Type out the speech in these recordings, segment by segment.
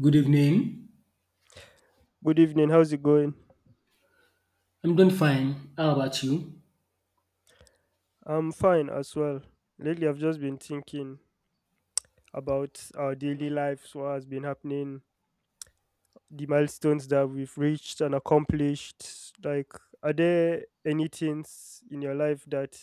Good evening. Good evening. How's it going? I'm doing fine. How about you? I'm fine as well. Lately, I've just been thinking about our daily lives, what has been happening, the milestones that we've reached and accomplished. Like, are there any things in your life that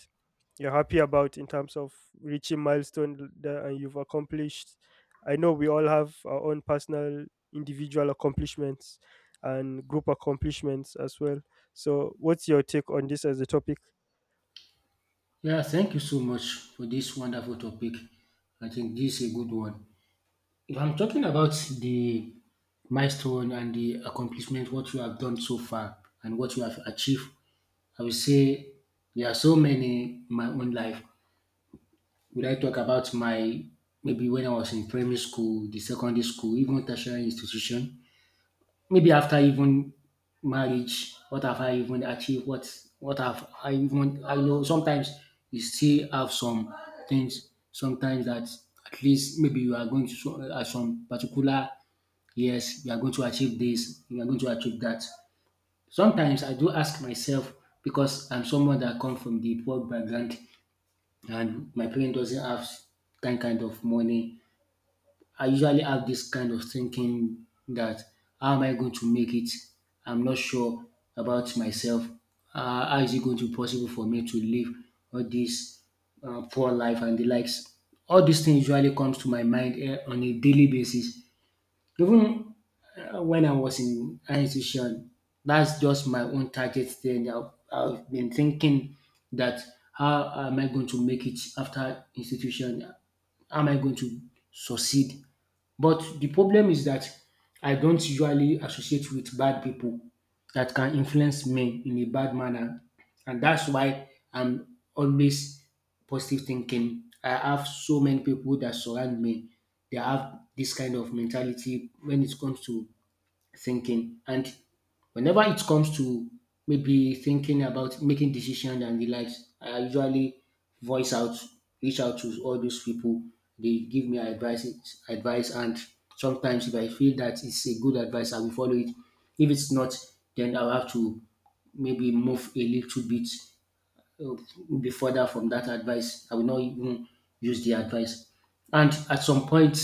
you're happy about in terms of reaching milestone that and you've accomplished? I know we all have our own personal, individual accomplishments and group accomplishments as well. So, what's your take on this as a topic? Yeah, thank you so much for this wonderful topic. I think this is a good one. If I'm talking about the milestone and the accomplishment, what you have done so far and what you have achieved, I will say there are so many in my own life. Would I talk about my maybe when I was in primary school, the secondary school, even tertiary institution? Maybe after even marriage, what have I even achieved? What have I even I know sometimes you still have some things sometimes that at least maybe you are going to at some particular years you are going to achieve this, you are going to achieve that. Sometimes I do ask myself because I'm someone that come from the poor background and my parents doesn't have that kind of money. I usually have this kind of thinking that how am I going to make it? I'm not sure about myself. How is it going to be possible for me to live all this poor life and the likes? All these things usually comes to my mind on a daily basis. Even when I was in high institution, that's just my own target. Then I've been thinking that how am I going to make it after institution? How am I going to succeed? But the problem is that I don't usually associate with bad people that can influence me in a bad manner. And that's why I'm always positive thinking. I have so many people that surround me. They have this kind of mentality when it comes to thinking. And whenever it comes to maybe thinking about making decisions and the likes, I usually voice out, reach out to all those people. They give me advice, and sometimes if I feel that it's a good advice, I will follow it. If it's not, then I'll have to maybe move a little bit, uh, be further from that advice. I will not even use the advice. And at some point,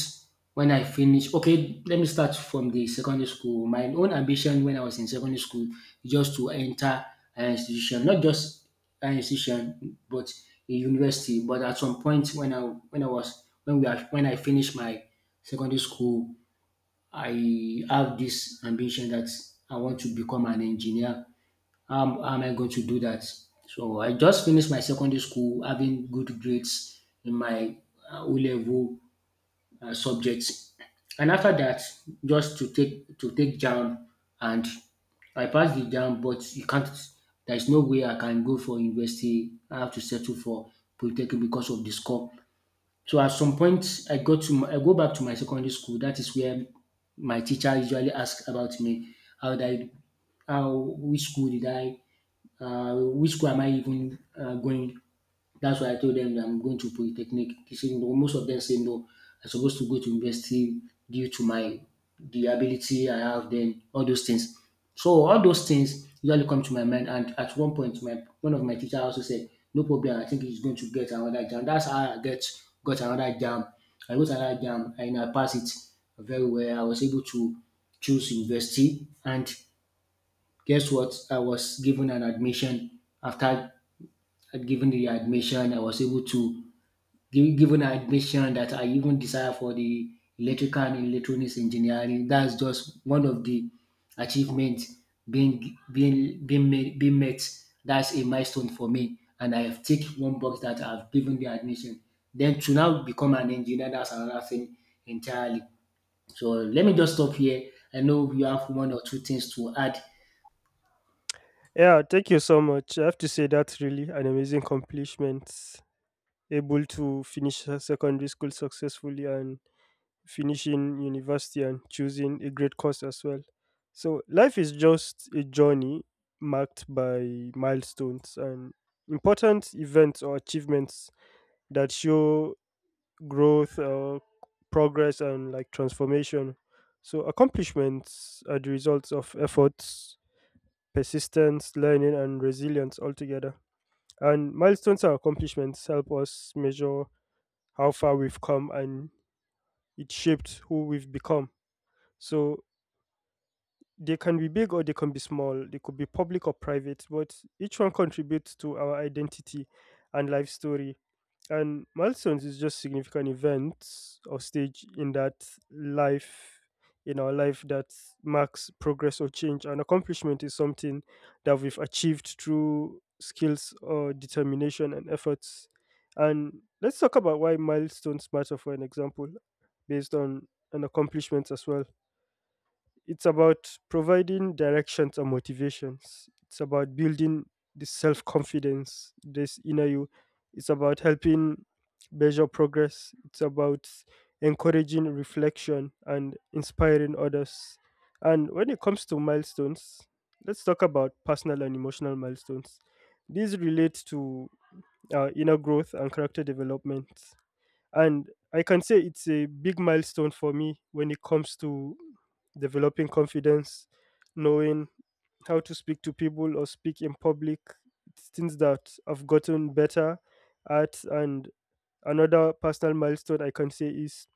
when I finish, okay, let me start from the secondary school. My own ambition when I was in secondary school is just to enter an institution, not just an institution, but a university. But at some point, when I was when we are, when I finished my secondary school, I have this ambition that I want to become an engineer. How am I going to do that? So I just finished my secondary school having good grades in my O-level subjects, and after that, just to take JAMB, and I passed the JAMB, but you can't. There is no way I can go for university. I have to settle for polytechnic because of the score. So at some point, I go back to my secondary school. That is where my teacher usually asks about me. How did I how Which school am I even going? That's why I told them that I'm going to polytechnic. They said no. Most of them say no. I'm supposed to go to university due to my the ability I have. Then all those things. So all those things usually come to my mind. And at one point, my one of my teacher also said, "No problem. I think he's going to get another jam." That's how I get got another jam. I got another jam and I passed it very well. I was able to choose university and guess what? I was given an admission. After I'd given the admission, I was able to given an admission that I even desire for the electrical and electronics engineering. That's just one of the achievements being made, being met. That's a milestone for me, and I have ticked one box that I've given the admission. Then to now become an engineer, that's another thing entirely. So let me just stop here. I know you have one or two things to add. Yeah, thank you so much. I have to say that's really an amazing accomplishment. Able to finish her secondary school successfully and finishing university and choosing a great course as well. So life is just a journey marked by milestones and important events or achievements that show growth, progress, and like transformation. So accomplishments are the results of efforts, persistence, learning, and resilience altogether, and milestones and accomplishments help us measure how far we've come, and it shaped who we've become. So they can be big or they can be small. They could be public or private, but each one contributes to our identity and life story. And milestones is just significant events or stage in that life, in our life that marks progress or change. An accomplishment is something that we've achieved through skills or determination and efforts. And let's talk about why milestones matter, for an example based on an accomplishment as well. It's about providing directions and motivations. It's about building the self confidence, this inner you. It's about helping measure progress. It's about encouraging reflection and inspiring others. And when it comes to milestones, let's talk about personal and emotional milestones. These relate to inner growth and character development. And I can say it's a big milestone for me when it comes to developing confidence, knowing how to speak to people or speak in public. It's things that I've gotten better at. And another personal milestone I can say is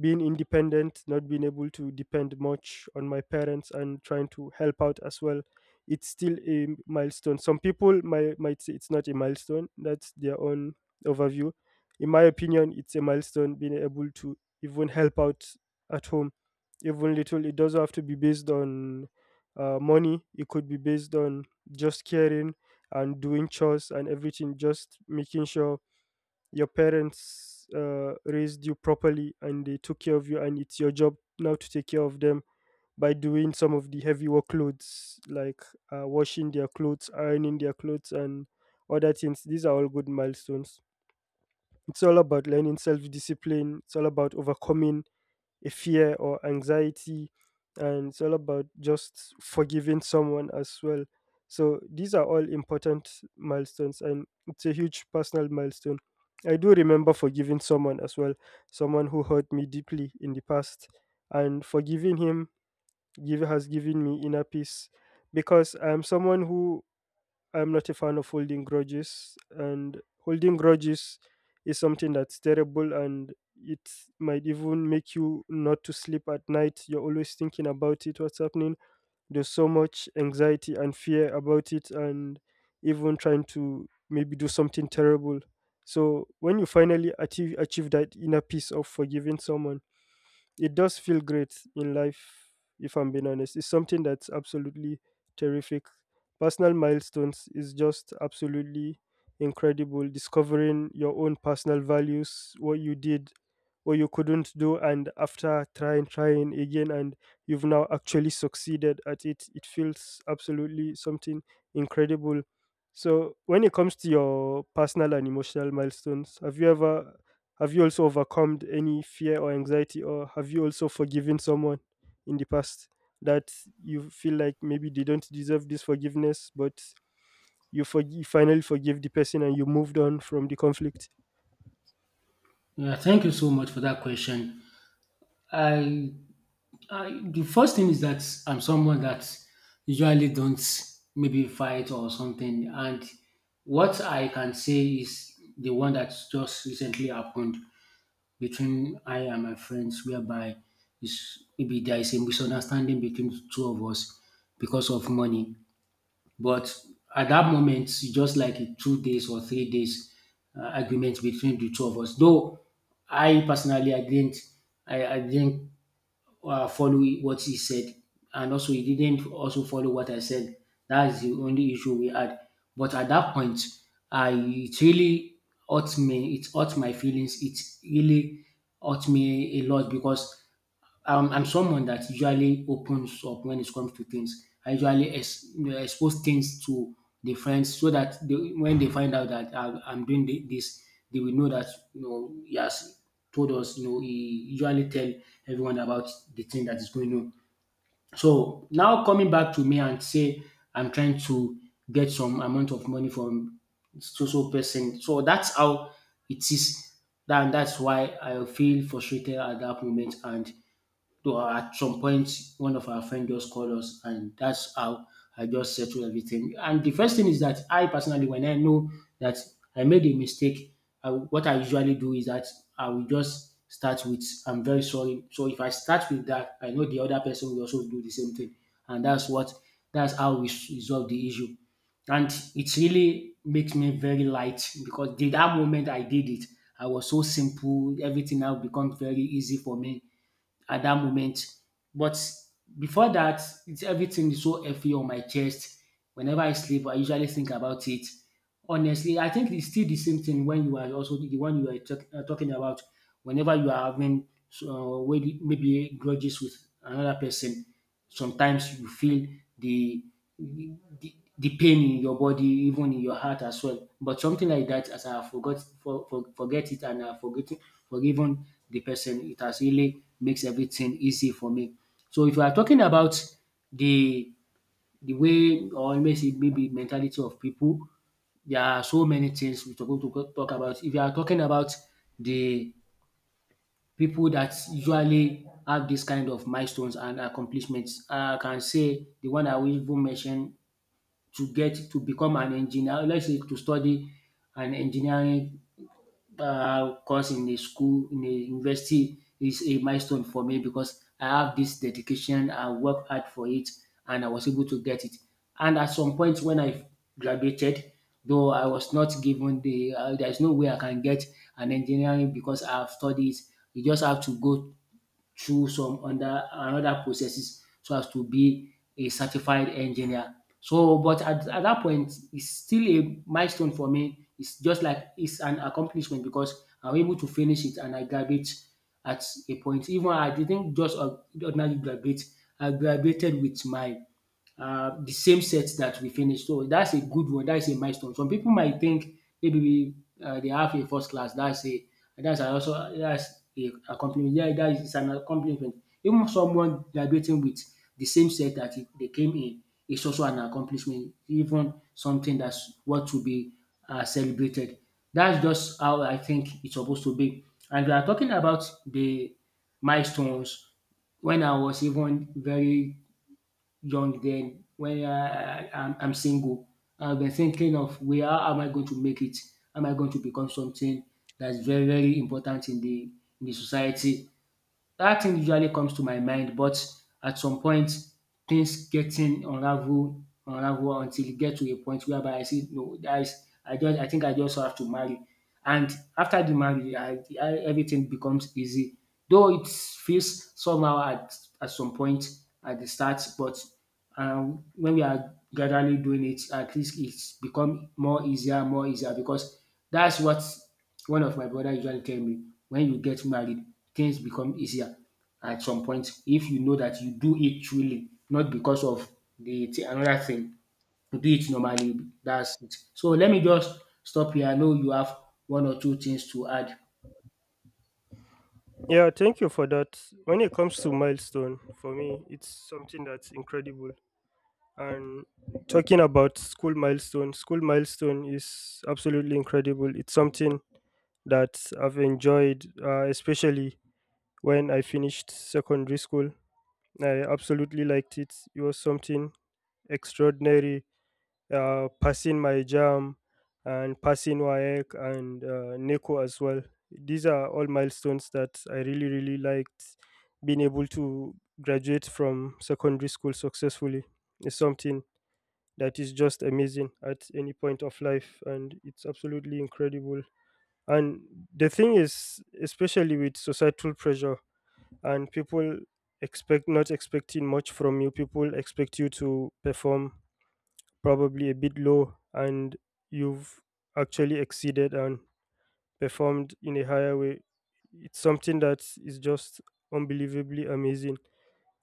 being independent, not being able to depend much on my parents and trying to help out as well. It's still a milestone. Some people might say it's not a milestone. That's their own overview. In my opinion, it's a milestone being able to even help out at home, even little. It doesn't have to be based on money. It could be based on just caring and doing chores and everything, just making sure your parents raised you properly and they took care of you, and it's your job now to take care of them by doing some of the heavy workloads, like washing their clothes, ironing their clothes, and other things. These are all good milestones. It's all about learning self-discipline. It's all about overcoming a fear or anxiety, and it's all about just forgiving someone as well. So these are all important milestones, and it's a huge personal milestone. I do remember forgiving someone as well, someone who hurt me deeply in the past, and forgiving him has given me inner peace, because I'm someone who, I'm not a fan of holding grudges, and holding grudges is something that's terrible, and it might even make you not to sleep at night. You're always thinking about it, what's happening. There's so much anxiety and fear about it, and even trying to maybe do something terrible. So when you finally achieve that inner peace of forgiving someone, it does feel great in life, if I'm being honest. It's something that's absolutely terrific. Personal milestones is just absolutely incredible. Discovering your own personal values, what you did, what you couldn't do, and after trying, trying again, and you've now actually succeeded at it, it feels absolutely something incredible. So, when it comes to your personal and emotional milestones, have you also overcome any fear or anxiety, or have you also forgiven someone in the past that you feel like maybe they don't deserve this forgiveness, but you finally forgive the person and you moved on from the conflict? Yeah, thank you so much for that question. I, I The first thing is that I'm someone that usually don't maybe fight or something, and what I can say is the one that just recently happened between I and my friends, whereby is maybe there is a misunderstanding between the two of us because of money. But at that moment, it's just like a 2 days or 3 days argument between the two of us. Though I personally, I didn't, follow what he said, and also he didn't also follow what I said. That is the only issue we had. But at that point, I it really hurt me. It hurt my feelings. It really hurt me a lot because I'm someone that usually opens up when it comes to things. I usually expose things to the friends so that they, when they find out that I'm doing this, they will know that he has told us. He usually tell everyone about the thing that is going on. So now coming back to me and say I'm trying to get some amount of money from so so person. So that's how it is. That's why I feel frustrated at that moment. And to at some point, one of our friends just called us, and that's how I just settled everything. And the first thing is that I personally, when I know that I made a mistake, what I usually do is that I will just start with I'm very sorry. So if I start with that, I know the other person will also do the same thing. And that's how we resolve the issue. And it really makes me very light because the that moment I did it, I was so simple, everything now becomes very easy for me at that moment. But before that, it's everything is so heavy on my chest. Whenever I sleep, I usually think about it. Honestly, I think it's still the same thing when you are also the one you are talking about. Whenever you are having maybe grudges with another person, sometimes you feel the the the pain in your body, even in your heart as well. But something like that, as I forgot forget it and I forget forgiven the person, it has really makes everything easy for me. So if you are talking about the the way or maybe mentality of people, there are so many things we are going to talk about. If you are talking about the people that usually have this kind of milestones and accomplishments, I can say the one I will even mention to get to become an engineer, let's say to study an engineering course in a school, in a university is a milestone for me because I have this dedication, I worked hard for it, and I was able to get it. And at some point when I graduated, though I was not given there's no way I can get an engineering because I have studied. You just have to go through some under another processes so as to be a certified engineer. So, but at that point, it's still a milestone for me. It's just like it's an accomplishment because I'm able to finish it and I graduate at a point. Even I didn't just ordinarily graduate, I graduated with my the same set that we finished. So that's a good one. That's a milestone. Some people might think maybe they have a first class. That's a also that's a accomplishment. Yeah, that is an accomplishment. Even someone graduating with the same set that they came in is also an accomplishment. Even something that's what to be celebrated. That's just how I think it's supposed to be. And we are talking about the milestones when I was even very young, then when I'm single. I've been thinking of where am I going to make it? Am I going to become something that's very very important in the society? That thing usually comes to my mind, but at some point things getting unravel until you get to a point whereby I say no guys, I think I just have to marry, and after the marriage I everything becomes easy, though it feels somehow at some point at the start, but when we are gradually doing it, at least it's become more easier because that's what one of my brother usually tell me. When you get married, things become easier at some point if you know that you do it truly, not because of the another thing. You do it normally. That's it. So let me just stop here. I know you have one or two things to add. Yeah, thank you for that. When it comes to milestone, for me, it's something that's incredible. And talking about school milestone is absolutely incredible. It's something that I've enjoyed, especially when I finished secondary school. I absolutely liked it. It was something extraordinary. Passing my jam and passing Wayek and Neko as well. These are all milestones that I really, really liked. Being able to graduate from secondary school successfully is something that is just amazing at any point of life, and it's absolutely incredible. And the thing is, especially with societal pressure, and people expect not expecting much from you, people expect you to perform probably a bit low, and you've actually exceeded and performed in a higher way. It's something that is just unbelievably amazing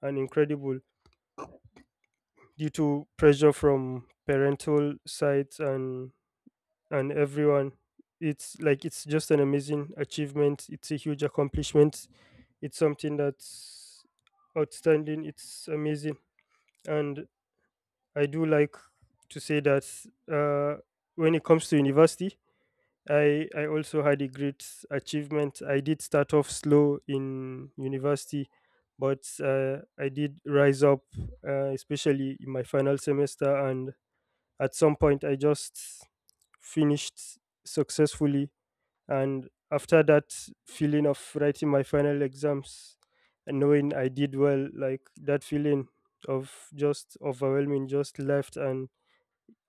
and incredible due to pressure from parental sides, and everyone. It's like it's just an amazing achievement. It's a huge accomplishment. It's something that's outstanding. It's amazing. And I do like to say that uh, when it comes to university, I also had a great achievement. I did start off slow in university, but I did rise up, especially in my final semester, and at some point I just finished successfully. And after that, feeling of writing my final exams and knowing I did well, like that feeling of just overwhelming just left. And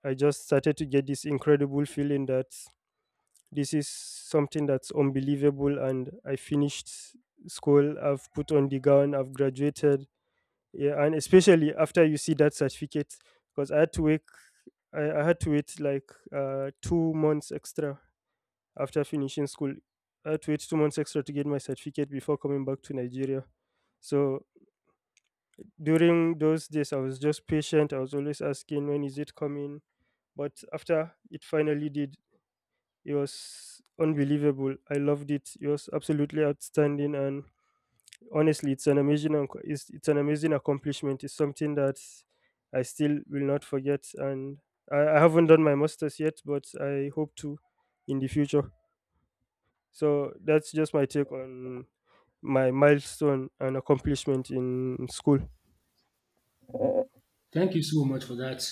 I just started to get this incredible feeling that this is something that's unbelievable. And I finished school, I've put on the gown, I've graduated. Yeah, and especially after you see that certificate, because I had to wait, I had to wait like 2 months extra after finishing school. I had to wait 2 months extra to get my certificate before coming back to Nigeria. So during those days, I was just patient. I was always asking, when is it coming? But after it finally did, it was unbelievable. I loved it. It was absolutely outstanding. And honestly, it's an amazing, it's an amazing accomplishment. It's something that I still will not forget. And I haven't done my master's yet, but I hope to in the future. So that's just my take on my milestone and accomplishment in school. Thank you so much for that.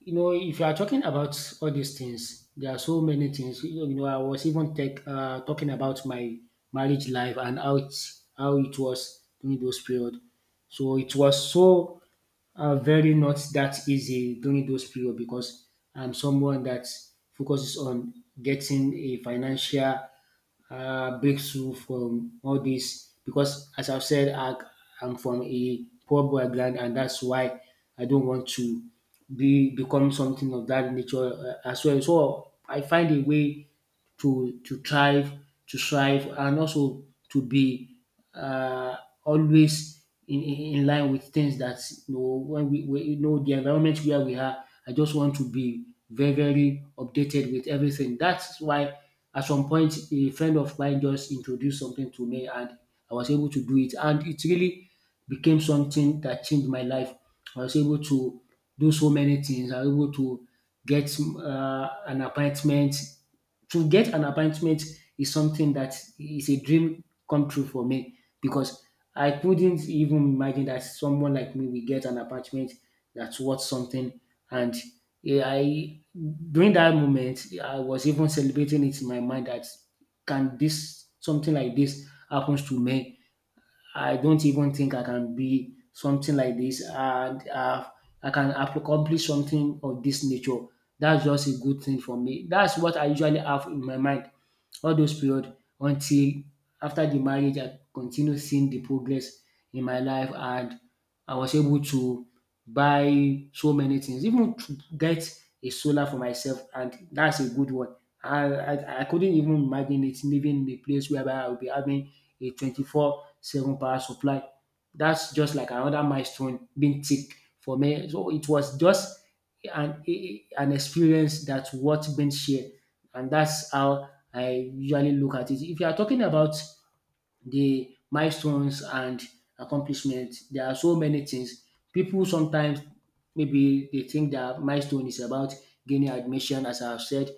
You know, if you are talking about all these things, there are so many things. You know, I was even talking about my marriage life and how it was during those period. So it was so very not that easy during those period because I'm someone that focuses on getting a financial breakthrough from all this because as I've said, I'm from a poor background, and that's why I don't want to be become something of that nature as well. So I find a way to thrive, and also to be uh, always in line with things that you know when we you know the environment where we are. I just want to be very very updated with everything. That's why at some point a friend of mine just introduced something to me, and I was able to do it, and it really became something that changed my life. I was able to do so many things. I was able to get an appointment to get an appointment is something that is a dream come true for me because I couldn't even imagine that someone like me will get an appointment that's worth something. And eh, I during that moment, I was even celebrating it in my mind that can this something like this happens to me. I don't even think I can be something like this, and I can accomplish something of this nature. That's just a good thing for me. That's what I usually have in my mind all those period until after the marriage. I continue seeing the progress in my life, and I was able to buy so many things, even to get a solar for myself, and that's a good one. I couldn't even imagine it living in a place whereby I will be having a 24 seven power supply. That's just like another milestone being ticked for me. So it was just an an experience that worth being shared, and that's how I usually look at it. If you are talking about the milestones and accomplishments, there are so many things. People sometimes maybe they think that milestone is about gaining admission, as I've said.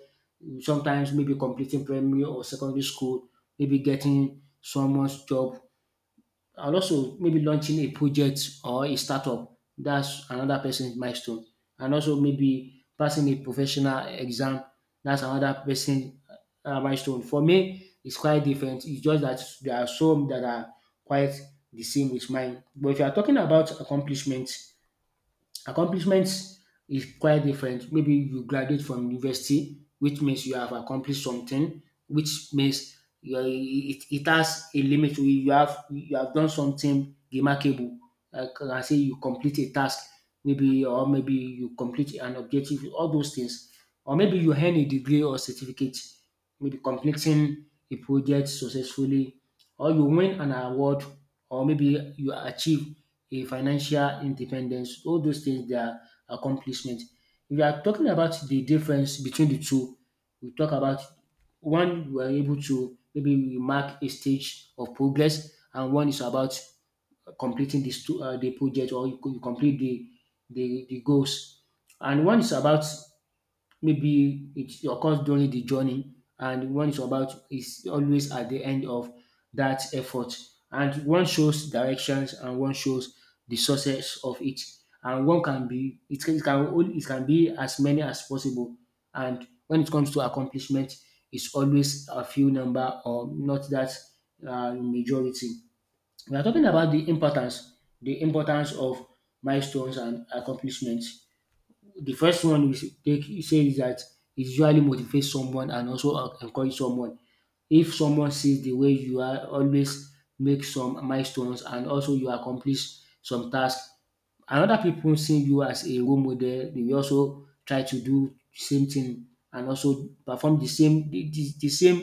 Sometimes maybe completing primary or secondary school, maybe getting someone's job, and also maybe launching a project or a startup. That's another person's milestone. And also maybe passing a professional exam. That's another person's milestone. For me, it's quite different. It's just that there are some that are quite the same with mine. But if you are talking about accomplishments. Accomplishments is quite different. Maybe you graduate from university, which means you have accomplished something, which means you are, it has a limit. You have done something remarkable. Like I say, you complete a task, maybe, or maybe you complete an objective. All those things, or maybe you earn a degree or certificate. Maybe completing a project successfully, or you win an award, or maybe you achieve a financial independence, all those things they are accomplishment. If you are talking about the difference between the two, we talk about one we are able to maybe we mark a stage of progress, and one is about completing this two, the project, or you complete the goals, and one is about maybe it occurs during the journey, and one is about is always at the end of that effort, and one shows directions and one shows the success of it, and one can be it can be as many as possible. And when it comes to accomplishment, it's always a few number, or not that majority. We are talking about the importance, the importance of milestones and accomplishments. The first one you take you say is dat it usually motivate someone and also encourage someone. If someone sees de way you are always make some milestones and also you accomplish some task and other pipu see you as a role model, dey will also try to do same thing and also perform de same de de same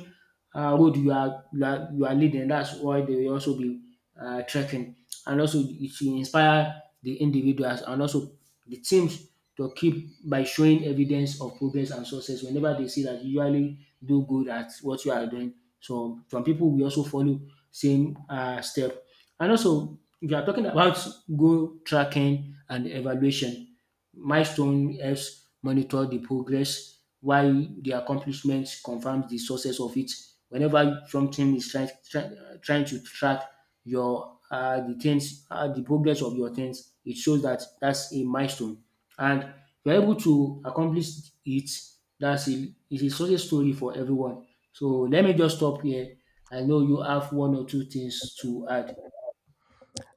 road you are you are you are leading. That's why they will also be trekking. And also it should inspire the individuals and also the teams to keep by showing evidence of progress and success whenever they see that you usually do good at what you are doing. So from people we also follow same step. And also if you are talking about goal tracking and evaluation, milestone helps monitor the progress while the accomplishment confirms the success of it. Whenever something is trying to track your the progress of your things, it shows that that's a milestone. And if you're able to accomplish it, that's a it's a success story for everyone. So let me just stop here. I know you have one or two things to add.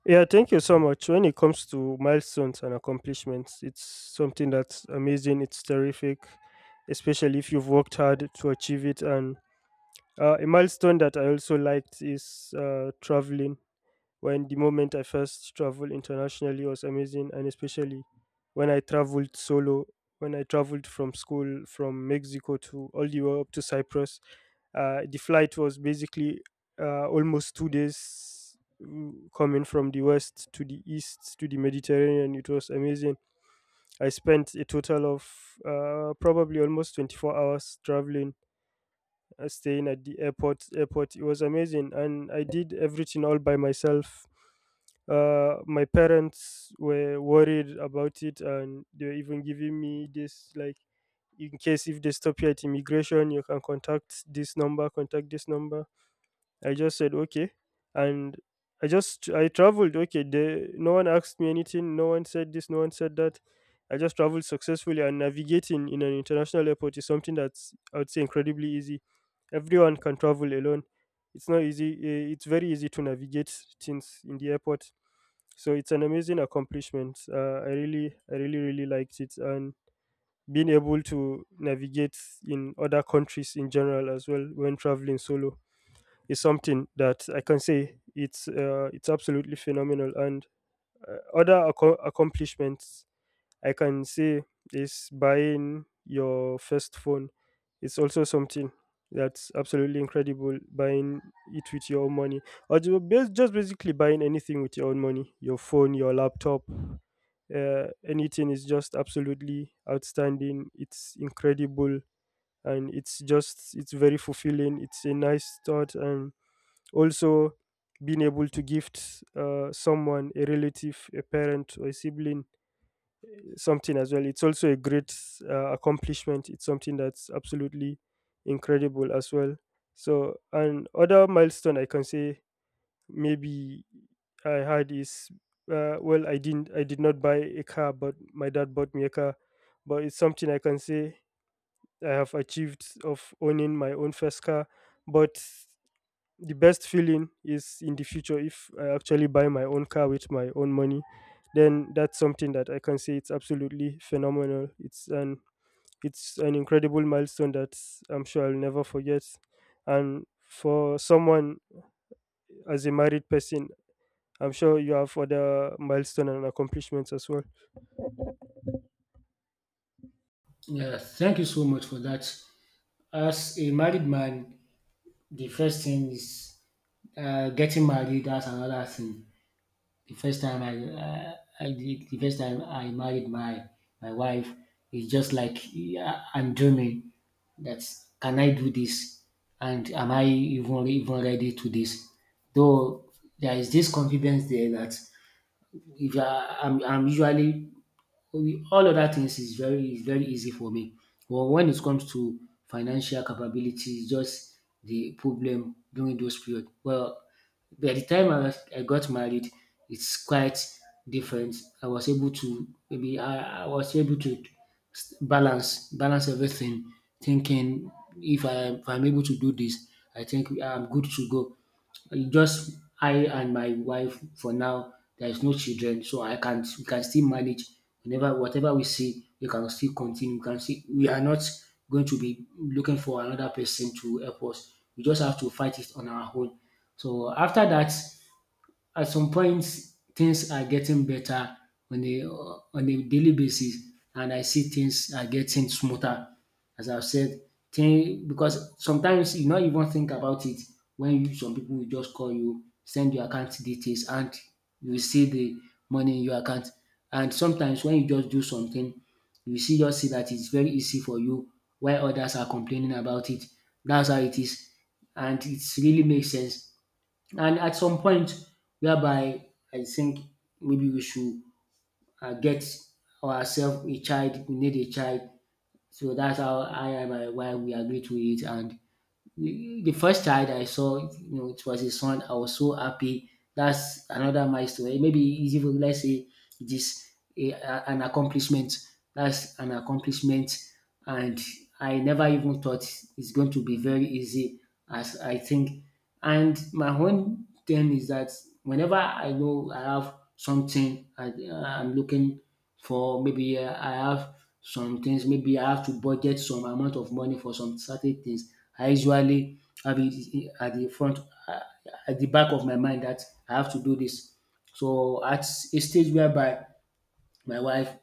Yeah, thank you so much. When it comes to milestones and accomplishments, it's something that's amazing, it's terrific, especially if you've worked hard to achieve it. And a milestone that I also liked is traveling. When the moment I first traveled internationally was amazing, and especially when I traveled solo, when I traveled from school from Mexico to all the way up to Cyprus. The flight was basically almost 2 days, coming from the west to the east to the Mediterranean. It was amazing. I spent a total of probably almost 24 hours traveling, staying at the airport. It was amazing, and I did everything all by myself. My parents were worried about it, and they were even giving me this like, in case if they stop you at immigration, you can contact this number, contact this number. I just said okay, and I just I traveled. Okay, no one asked me anything. No one said this. No one said that. I just traveled successfully, and navigating in an international airport is something that's, I would say, incredibly easy. Everyone can travel alone. It's not easy. It's very easy to navigate things in the airport. So it's an amazing accomplishment. I I really, really liked it, and being able to navigate in other countries in general as well when traveling solo is something that I can say it's absolutely phenomenal. And other accomplishments I can say is buying your first phone. It's also something that's absolutely incredible. Buying it with your own money, or just basically buying anything with your own money, your phone, your laptop, anything is just absolutely outstanding. It's incredible, and it's just, it's very fulfilling. It's a nice thought. And also being able to gift someone, a relative, a parent, or a sibling something as well, it's also a great accomplishment. It's something that's absolutely incredible as well. So an other milestone I can say maybe I had is well, I did not buy a car, but my dad bought me a car. But it's something I can say I have achieved of owning my own first car. But the best feeling is in the future if I actually buy my own car with my own money, then that's something that I can say it's absolutely phenomenal. It's an incredible milestone that I'm sure I'll never forget. And for someone as a married person, I'm sure you have other milestone and accomplishments as well. Yeah, thank you so much for that. As a married man, the first thing is getting married. That's another thing. The first time I, uh, the first time I married my wife is just like, yeah, I'm dreaming. That's, can I do this, and am I even ready to this? Though there is this confidence there that if I, I'm usually so. All other things is very easy for me. But when it comes to financial capability, it's just the problem during those period. Well, by the time I got married, it's quite different. I was able to maybe I was able to balance everything, thinking if I if I'm able to do this, I think I'm good to go. Just I and my wife for now. There is no children, so I can we can still manage. Whenever whatever we see, we can still continue. We can see we are not going to be looking for another person to help us. We just have to fight it on our own. So after that, at some point things are getting better on a daily basis, and I see things are getting smoother. As I've said, thing because sometimes you not even think about it when you, some people will just call you, send your account details, and you will see the money in your account. And sometimes when you just do something, you see just see that it's very easy for you while others are complaining about it. That's how it is. And it really makes sense, and at some point, whereby I think maybe we should get ourselves a child, we need a child. So that's how I and my wife we agreed to it, and the first child I saw, you know, it was a son. I was so happy. That's another milestone. Maybe it's even, let's say it is an accomplishment. That's an accomplishment, and I never even thought it's going to be very easy as I think. And my own thing is that whenever I know I have something, I'm looking for maybe I have some things, maybe I have to budget some amount of money for some certain things. I usually have it at the front uh, at the back of my mind that I have to do this. So at a stage whereby my wife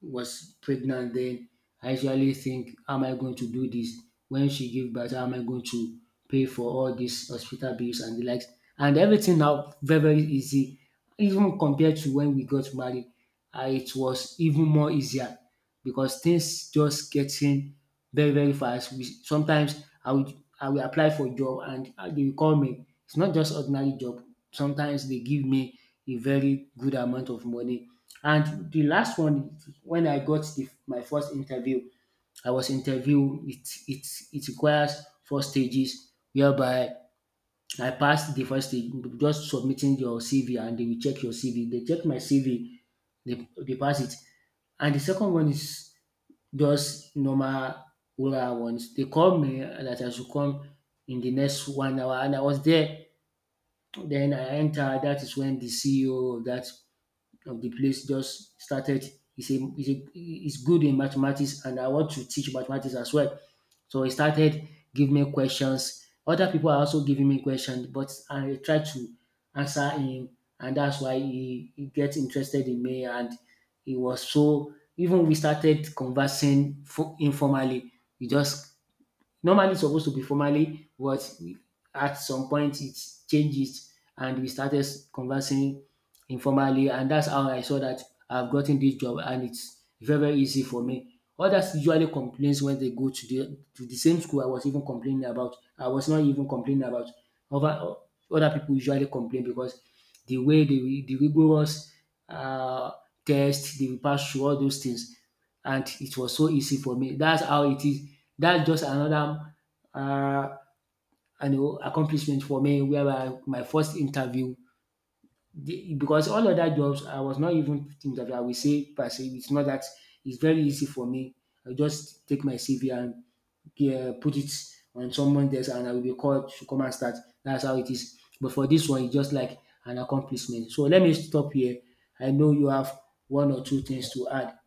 was pregnant then I usually think, how am I going to do this when she give birth, how am I going to pay for all these hospital bills and the likes, and everything now very very easy even compared to when we got married. And it was even more easier because things just getting very very fast. We sometimes I will apply for job and they will call me. It's not just ordinary job. Sometimes they give me a very good amount of money. And the last one, when I got the, my first interview, I was interviewed. It requires four stages whereby I passed the first stage, just submitting your CV and they will check your CV. They check my CV, they pass it. And the second one is just normal oral ones. They called me that I should come in the next 1 hour and I was there. Then I entered, that is when the CEO of that of the place just started. He's good in mathematics, and I want to teach mathematics as well. So he started giving me questions. Other people are also giving me questions, but I try to answer him, and that's why he gets interested in me. And he was so even we started conversing for, informally. He just normally, it's supposed to be formally, but at some point it changes, and we started conversing informally, and that's how I saw that I've gotten this job, and it's very very easy for me. Others usually complains when they go to the same school I was even complaining about. I was not even complaining about. Other Other people usually complain because the way the rigorous um test they will pass through all those things, and it was so easy for me. That's how it is. That's just another um accomplishment for me whereby my first interview the, because all other jobs, I was not even thinking that I will say per se. It's not that it's very easy for me. I just take my CV and, yeah, put it on someone desk, and I will be called to come and start. That's how it is. But for this one, it's just like an accomplishment. So let me stop here. I know you have one or two things to add.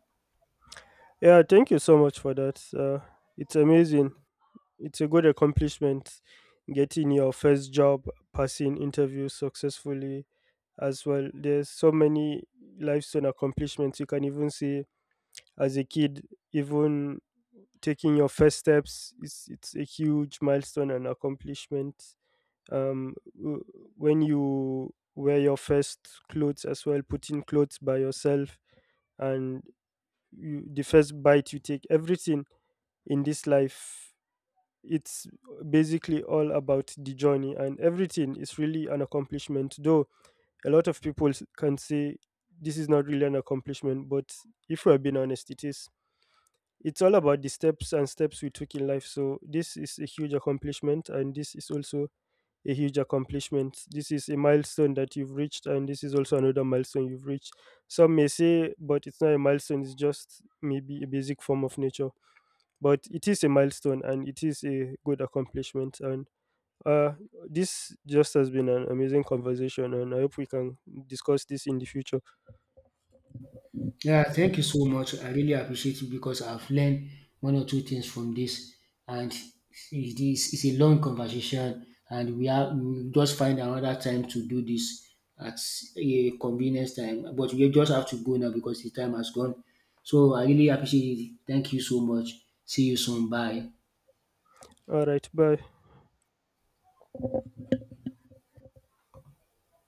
Yeah, thank you so much for that. It's amazing. It's a good accomplishment getting your first job, passing interviews successfully as well. There's so many lifestyle accomplishments you can even see as a kid, even taking your first steps. It's a huge milestone and accomplishment. Um, w- when you wear your first clothes as well, putting clothes by yourself, and you, the first bite you take, everything in this life, it's basically all about the journey, and everything is really an accomplishment. Though a lot of people can say this is not really an accomplishment, but if we're being honest, it is. It's all about the steps and steps we took in life. So this is a huge accomplishment, and this is also a huge accomplishment. This is a milestone that you've reached, and this is also another milestone you've reached. Some may say but it's not a milestone, it's just maybe a basic form of nature. But it is a milestone, and it is a good accomplishment. And uh, this just has been an amazing conversation, and I hope we can discuss this in the future. Yeah, thank you so much. I really appreciate it because I've learned one or two things from this, and it's a long conversation, and we will just find another time to do this at a convenience time. But we just have to go now because the time has gone. So I really appreciate it. Thank you so much. See you soon. Bye. All right, bye.